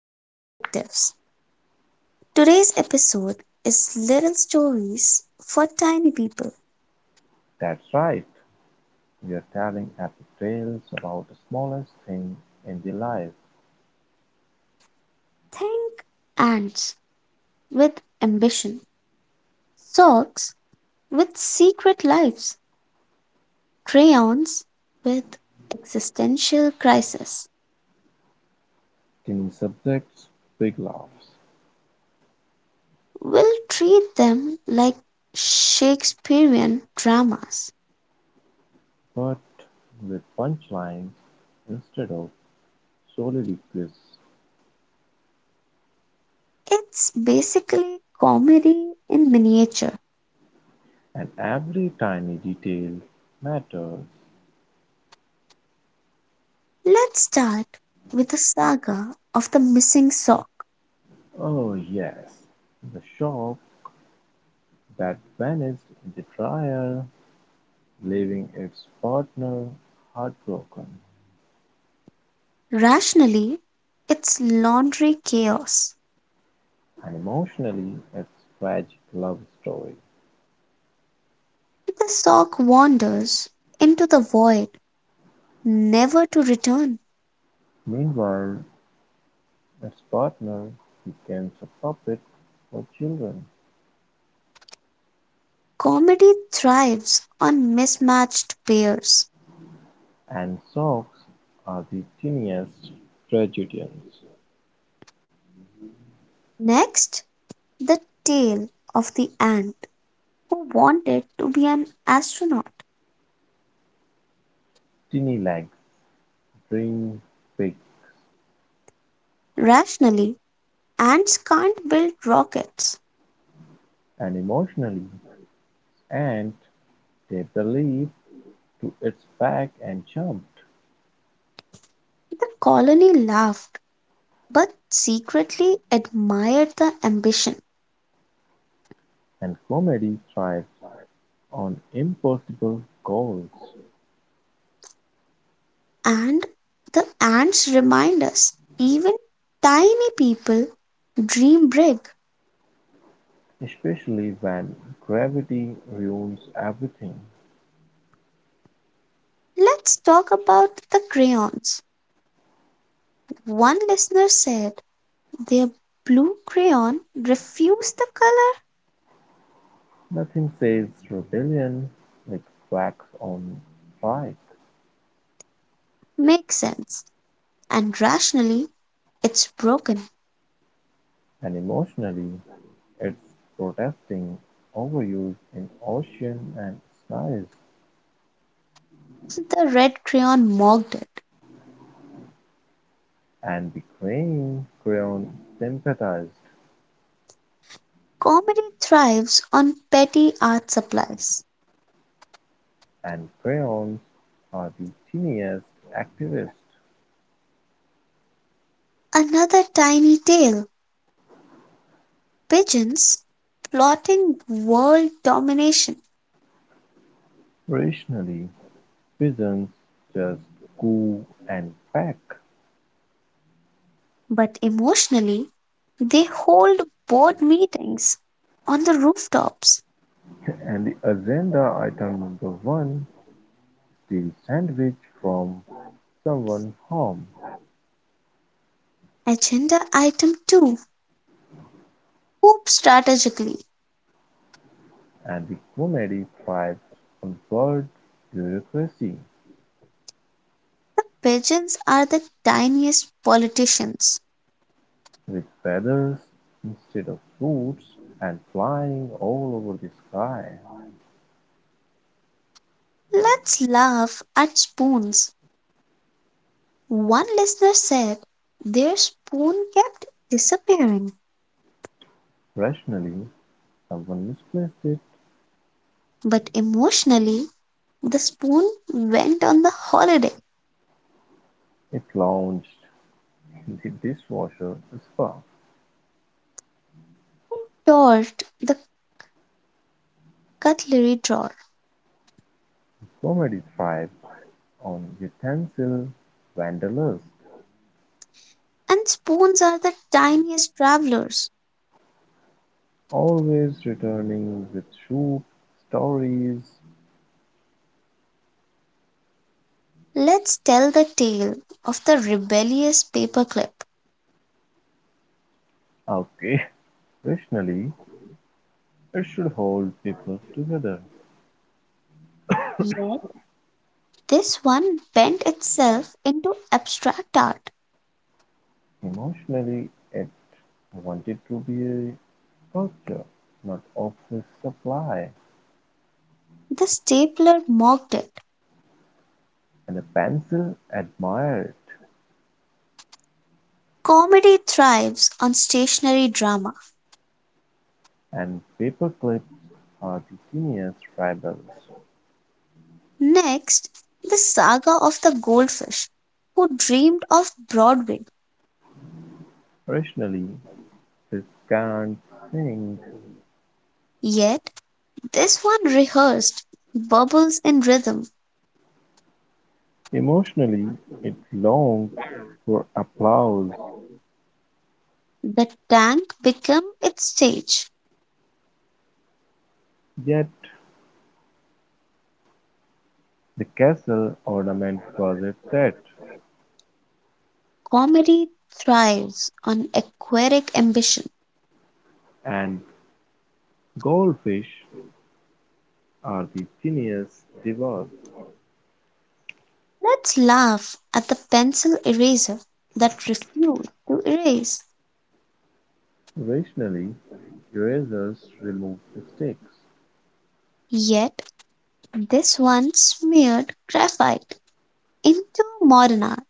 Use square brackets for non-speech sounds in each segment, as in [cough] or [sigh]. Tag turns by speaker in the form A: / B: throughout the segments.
A: and Perspectives. Today's episode is Little Stories for Tiny People.
B: That's right, we're telling epic tales about the smallest thing in the life.
A: Think ants with ambition, socks with secret lives, crayons with existential crisis.
B: Teeny subjects, big laughs,
A: We'll treat them like Shakespearean dramas.
B: but with punchlines instead of soliloquies,
A: It's basically comedy in miniature.
B: and every tiny detail matters.
A: Let's start with the saga of the missing sock.
B: Oh, yes, the shop that vanished in the dryer, leaving its partner heartbroken,
A: Rationally, it's laundry chaos.
B: and emotionally, its tragic love story.
A: The sock wanders into the void, never to return.
B: Meanwhile, as partner, he becomes a puppet for children,
A: Comedy thrives on mismatched pairs.
B: and socks are the tiniest tragedians:
A: Next, the tale of the ant who wanted to be an astronaut.
B: tiny legs, green beaks,
A: Rationally, ants can't build rockets.
B: and emotionally, ant they believe to its back and jumped,
A: The colony laughed but secretly admired the ambition.
B: and comedy thrives on impossible goals,
A: And the ants remind us even tiny people dream big.
B: especially when gravity ruins everything.
A: Let's talk about the crayons. One listener said their blue crayon refused the color.
B: Nothing says rebellion like wax on fire.
A: Makes sense. And rationally, it's broken.
B: And emotionally, it's protesting overuse in ocean and skies
A: The red crayon mocked it.
B: and betraying Creon sympathized,
A: Comedy thrives on petty art supplies.
B: and Creons are the tiniest activists.
A: Another tiny tale: pigeons plotting world domination.
B: Rationally, pigeons just coo and peck.
A: But emotionally, they hold board meetings on the rooftops.
B: [laughs] And the agenda item number one steal sandwich from someone's home,
A: Agenda item 2: hoop strategically.
B: and the comedy thrives on word bureaucracy.
A: The pigeons are the tiniest politicians.
B: With feathers instead of roots and flying all over the sky.
A: Let's laugh at spoons. One listener said their spoon kept disappearing,
B: Rationally, someone misplaced it.
A: but emotionally, the spoon went on the holiday.
B: It launched [laughs] in the dishwasher spa.
A: Toward the cutlery drawer,
B: Comedy thrives on utensil wanderlust,
A: and spoons are the tiniest travelers.
B: always returning with soup, stories.
A: Let's tell the tale of the rebellious paperclip.
B: Okay, [laughs] rationally, it should hold people together.
A: Yet this one bent itself into abstract art.
B: Emotionally, it wanted to be a sculpture, not office supply,
A: The stapler mocked it.
B: and the pencil admired
A: Comedy thrives on stationary drama.
B: and paper clips are the genius rebels.
A: Next, the saga of the goldfish who dreamed of Broadway.
B: Rationally, this can't sing.
A: Yet this one rehearsed bubbles in rhythm.
B: Emotionally, it longed for applause,
A: The tank became its stage.
B: yet the castle ornament was its set,
A: Comedy thrives on aquatic ambition.
B: and goldfish are the genius divas.
A: Let's laugh at the pencil eraser that refused to erase.
B: Rationally, erasers removed mistakes,
A: Yet this one smeared graphite into modern art.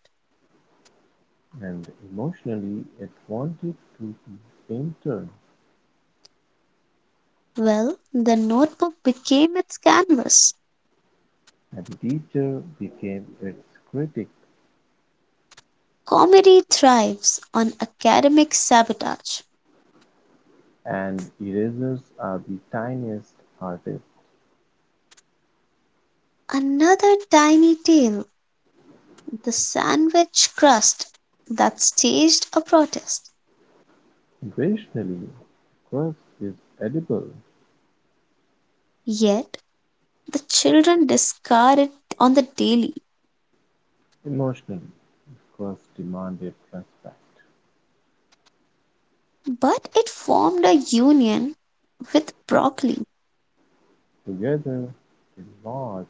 B: and emotionally it wanted to be a painter,
A: Well, the notebook became its canvas.
B: and the teacher became its critic,
A: Comedy thrives on academic sabotage.
B: and erasers are the tiniest artists.
A: Another tiny tale, the sandwich crust that staged a protest.
B: Rationally, the crust is edible.
A: Yet the children discard it on the daily.
B: Emotionally, the crust demanded respect.
A: But it formed a union with broccoli.
B: Together, they march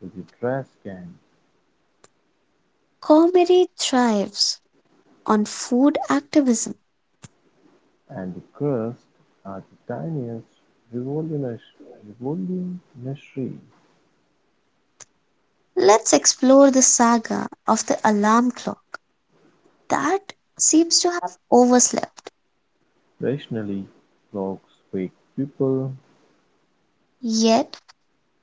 B: to the trash can
A: Comedy thrives on food activism.
B: and the Crust are the tiniest revolutionary,
A: Let's explore the saga of the alarm clock that seems to have overslept.
B: rationally clocks wake people.
A: Yet,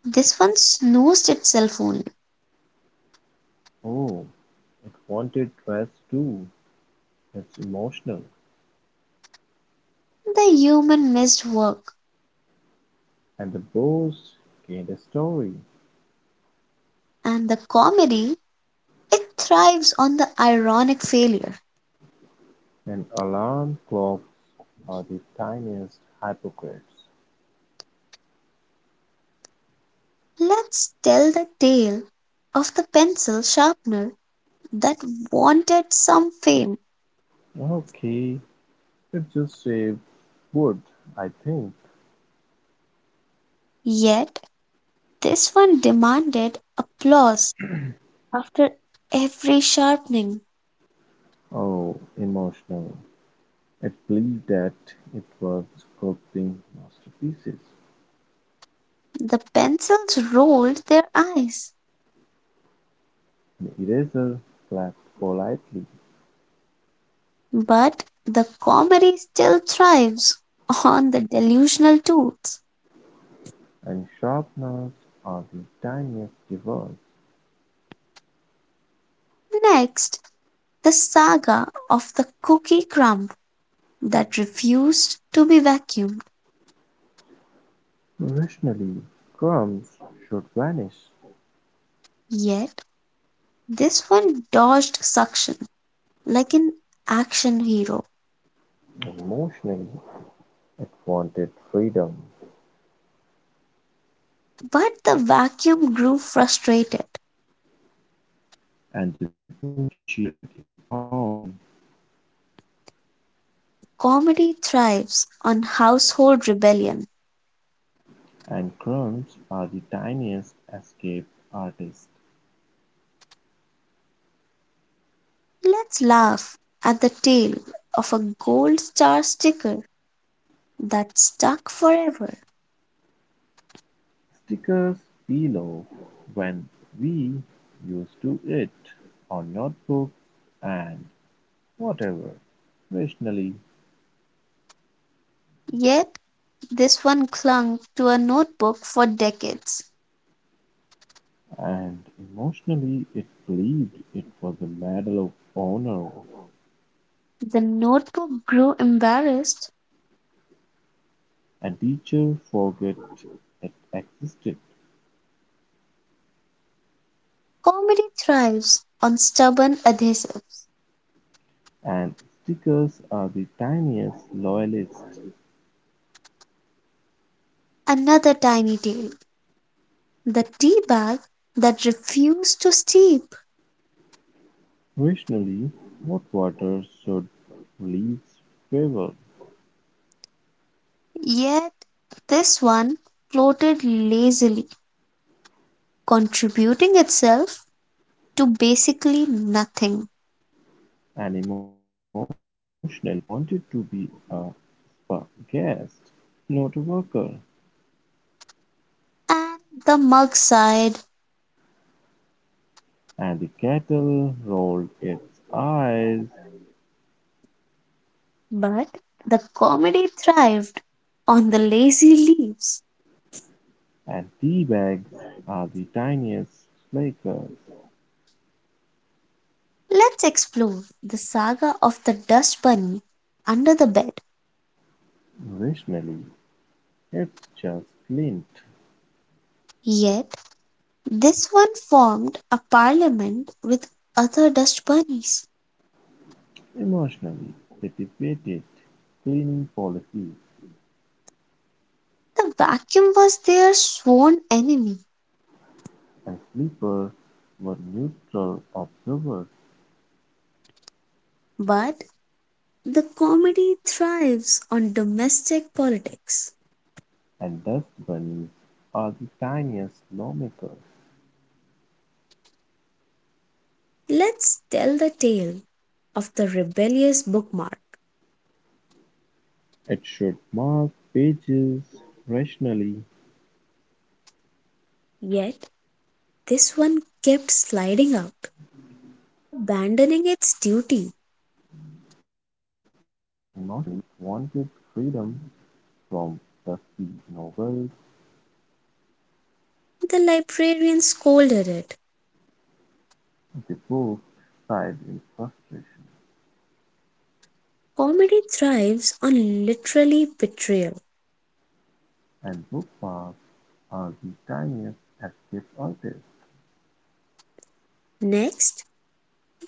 A: this one snoozed itself only.
B: Oh, it wanted dress too. It's emotional.
A: The human missed work,
B: And the boss gained a story.
A: and the comedy, it thrives on the ironic failure.
B: And alarm clocks are the tiniest hypocrites.
A: Let's tell the tale of the pencil sharpener that wanted some fame.
B: Okay, it just saved wood, I think.
A: Yet this one demanded applause after every sharpening.
B: Oh, emotional. It believed that it was sculpting masterpieces,
A: The pencils rolled their eyes,
B: an eraser flapped politely,
A: but the comedy still thrives on the delusional tools.
B: and sharpeners are the tiniest devils.
A: Next, the saga of the cookie crumb that refused to be vacuumed.
B: Rationally, crumbs should vanish.
A: Yet, this one dodged suction like an action hero.
B: Emotionally, it wanted freedom,
A: But the vacuum grew frustrated.
B: and the room cheered it on.
A: Comedy thrives on household rebellion.
B: And crumbs are the tiniest escape artists.
A: Let's laugh at the tale of a gold star sticker that stuck forever.
B: Stickers below when we used to it, our notebooks and whatever rationally
A: Yet this one clung to a notebook for decades.
B: and emotionally it believed it was a medal of honor
A: The notebook grew embarrassed.
B: and teacher forget it existed
A: Comedy thrives on stubborn adhesives.
B: and stickers are the tiniest loyalist
A: Another tiny tale, the tea bag that refused to steep.
B: rationally hot water should release favor.
A: Yet this one floated lazily, contributing itself to basically nothing.
B: And emotionally, it wanted to be a spa guest, not a worker.
A: And the mug sighed,
B: And the kettle rolled its eyes,
A: but the comedy thrived on the lazy leaves.
B: and tea bags are the tiniest flakers.
A: Let's explore the saga of the dust bunny under the bed.
B: Rationally, it's just lint.
A: Yet, this one formed a parliament with other dust bunnies.
B: Emotionally, they debated cleaning policies,
A: The vacuum was their sworn enemy,
B: and sleepers were neutral observers,
A: but the comedy thrives on domestic politics.
B: and dust bunnies are the tiniest lawmakers.
A: Let's tell the tale of the rebellious bookmark.
B: It should mark pages rationally,
A: Yet this one kept sliding out, abandoning its duty.
B: emotionally, it wanted freedom from dusty novels
A: The librarian scolded it.
B: the books sighed in frustration,
A: Comedy thrives on literally betrayal.
B: and bookmarks are the tiniest escape artists,
A: Next,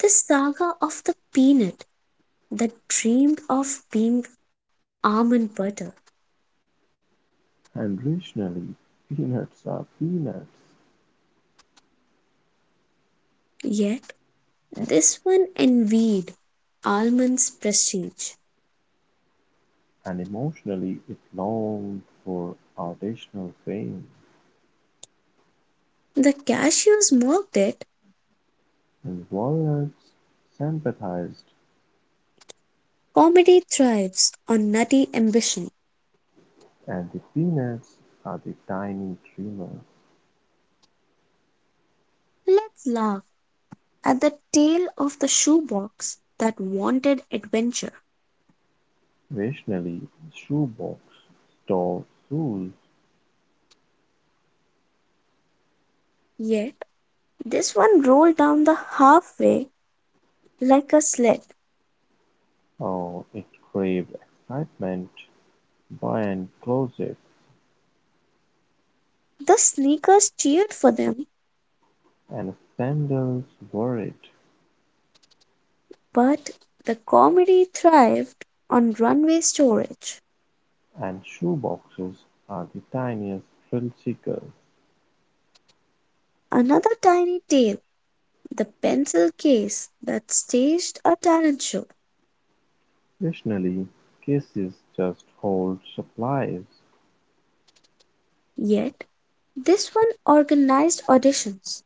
A: the saga of the peanut that dreamed of being almond butter.
B: and rationally peanuts are peanuts,
A: Yet this one envied almond's prestige.
B: and emotionally it longed for artisanal fame,
A: The cashews mocked it.
B: and walnuts sympathized,
A: Comedy thrives on nutty ambition.
B: and the peanuts are the tiny dreamers.
A: Let's laugh at the tail of the shoebox that wanted adventure.
B: Occasionally, shoebox stores
A: Yet this one rolled down the halfway like a sled.
B: sold it craved excitement buy buttons closets
A: The sneakers cheered for them,
B: and sandals were it,
A: but the comedy thrived on runway storage.
B: and shoeboxes are the tiniest thrill-seekers.
A: Another tiny tale, the pencil case that staged a talent show.
B: Occasionally, cases just hold supplies,
A: Yet this one organized auditions.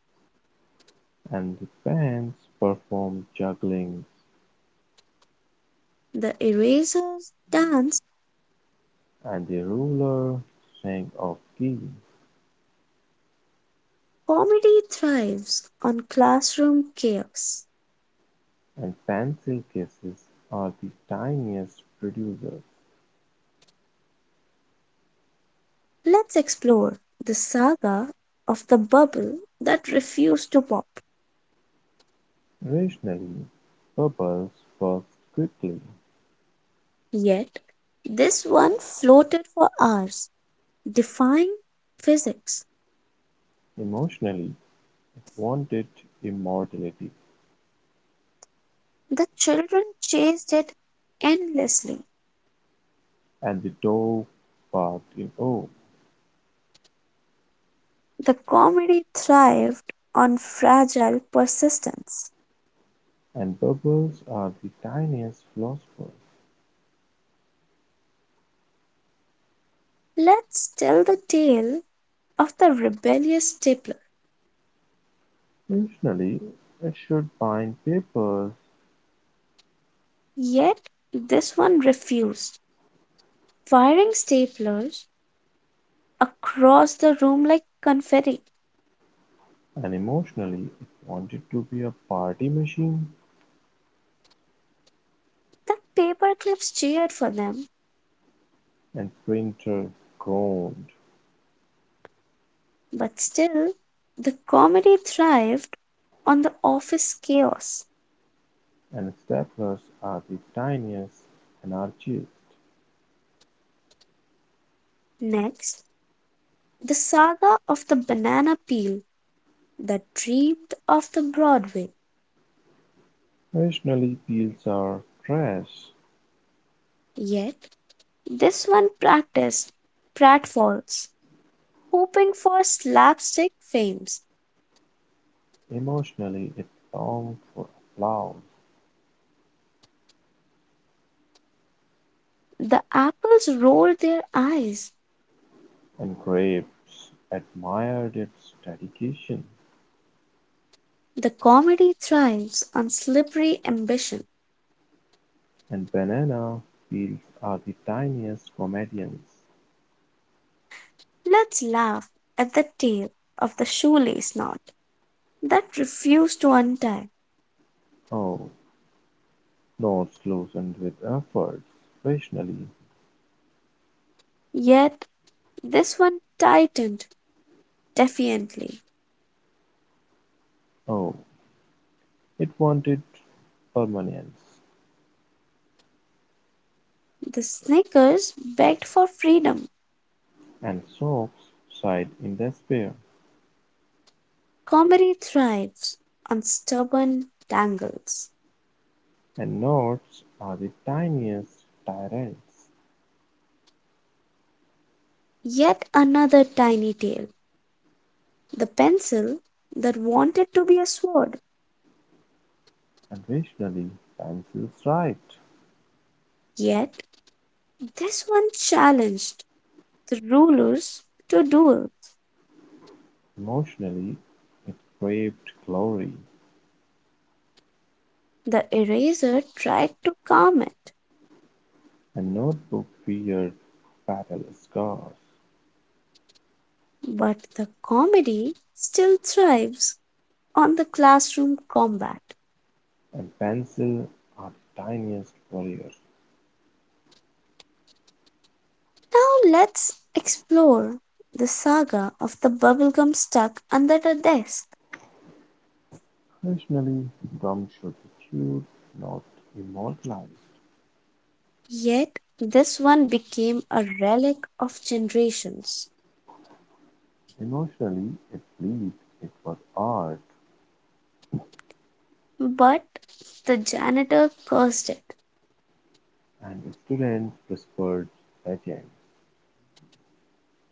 B: and the pens perform jugglings,
A: The erasers dance,
B: and the ruler sings of keys,
A: comedy thrives on classroom chaos.
B: and pencil cases are the tiniest producers.
A: Let's explore the saga of the bubble that refused to pop.
B: Rationally, bubbles was quickly;
A: Yet, this one floated for hours, defying physics.
B: emotionally, it wanted immortality,
A: The children chased it endlessly.
B: and the dog barked in awe,
A: The comedy thrived on fragile persistence.
B: and bubbles are the tiniest philosophers.
A: Let's tell the tale of the rebellious stapler.
B: Rationally, it should bind papers,
A: Yet, this one refused, firing staplers across the room like confetti.
B: and emotionally, it wanted to be a party machine,
A: The paperclips cheered for them,
B: and printer groaned,
A: but still, the comedy thrived on the office chaos.
B: and staplers are the tiniest anarchists.
A: Next, the saga of the banana peel that dreamed of the Broadway.
B: Rationally, pills are trash.
A: Yet, this one practiced pratfalls, hoping for slapstick fames.
B: Emotionally, it longed for applause,
A: The apples rolled their eyes.
B: and graves admired its dedication,
A: The comedy thrives on slippery ambition.
B: and banana peels are the tiniest comedians.
A: Let's laugh at the tale of the shoelace knot that refused to untie.
B: Oh, notes loosened with efforts, rationally.
A: Yet this one tightened defiantly.
B: Oh, it wanted permanence,
A: The Snickers begged for freedom.
B: and socks sighed in despair.
A: Comedy thrives on stubborn tangles.
B: And notes are the tiniest tyrants,
A: Yet another tiny tale: the pencil that wanted to be a sword.
B: and rationally, pencils feels right.
A: Yet this one challenged the rulers to duels.
B: Emotionally, it craved glory,
A: The eraser tried to calm it,
B: a notebook wears battle scars,
A: but the comedy still thrives on the classroom combat.
B: and pencils are the tiniest warriors.
A: Now let's explore the saga of the bubblegum stuck under the desk.
B: Occasionally, gum should be chewed, not immortalized.
A: Yet this one became a relic of generations.
B: Emotionally, it lived, it was art,
A: But the janitor cursed it.
B: and students whispered legends,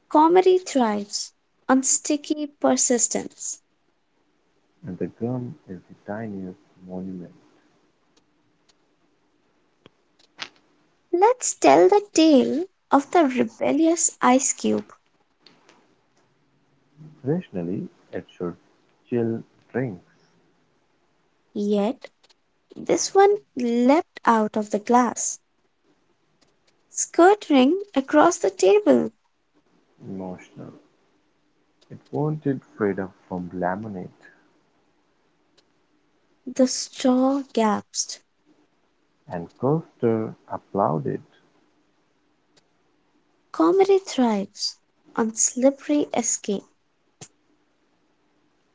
A: Comedy thrives on sticky persistence.
B: and the gum is the tiniest monument.
A: Let's tell the tale of the rebellious ice cube.
B: Rationally, it should chill drinks.
A: Yet this one leapt out of the glass, skirting across the table.
B: Emotional. It wanted freedom from lemonade,
A: The straw gasped.
B: and Custer applauded.
A: Comedy thrives on slippery escape.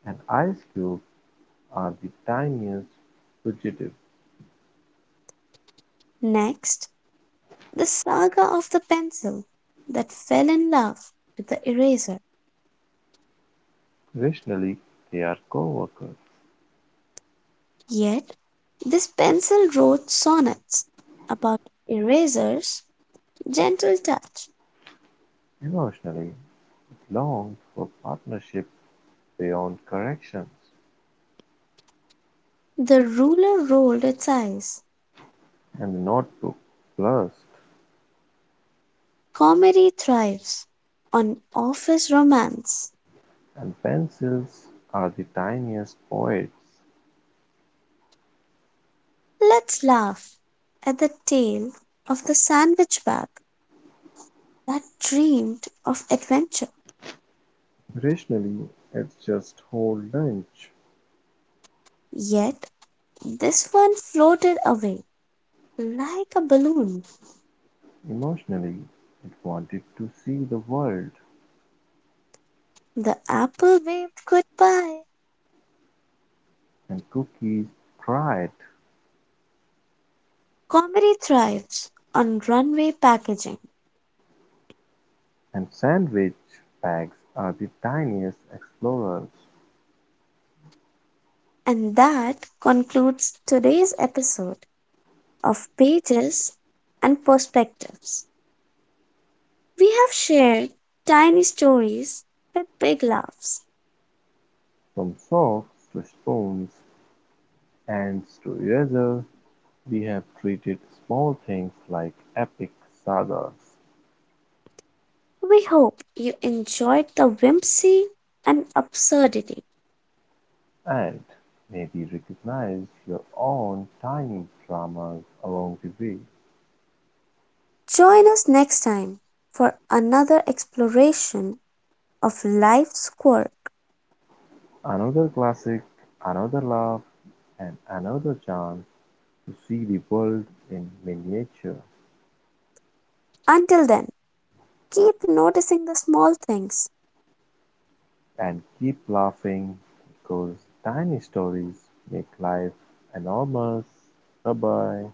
B: And ice cube are the tiniest fugitive;
A: Next, the saga of the pencil that fell in love with the eraser.
B: rationally they are co-workers;
A: Yet, this pencil wrote sonnets about erasers' gentle touch.
B: emotionally longed for partnership beyond corrections;
A: The ruler rolled its eyes.
B: and the notebook blurst
A: Comedy thrives on office romance.
B: and pencils are the tiniest poets;
A: Let's laugh at the tale of the sandwich bag that dreamed of adventure.
B: rationally it just whole lunch;
A: Yet this one floated away like a balloon.
B: emotionally it wanted to see the world;
A: The apple waved goodbye.
B: and cookies cried;
A: Comedy thrives on runway packaging.
B: and sandwich bags are the tiniest explorers.
A: And that concludes today's episode of Pages and Perspectives. We have shared tiny stories with big laughs.
B: From socks to spoons, ants to erasers, we have treated small things like epic sagas,
A: We hope you enjoyed the whimsy and absurdity.
B: and maybe recognized your own tiny dramas along the way.
A: Join us next time for another exploration of life's quirk.
B: Another classic, another laugh, and another chance to see the world in miniature
A: Until then, keep noticing the small things.
B: and keep laughing because tiny stories make life enormous. Bye bye.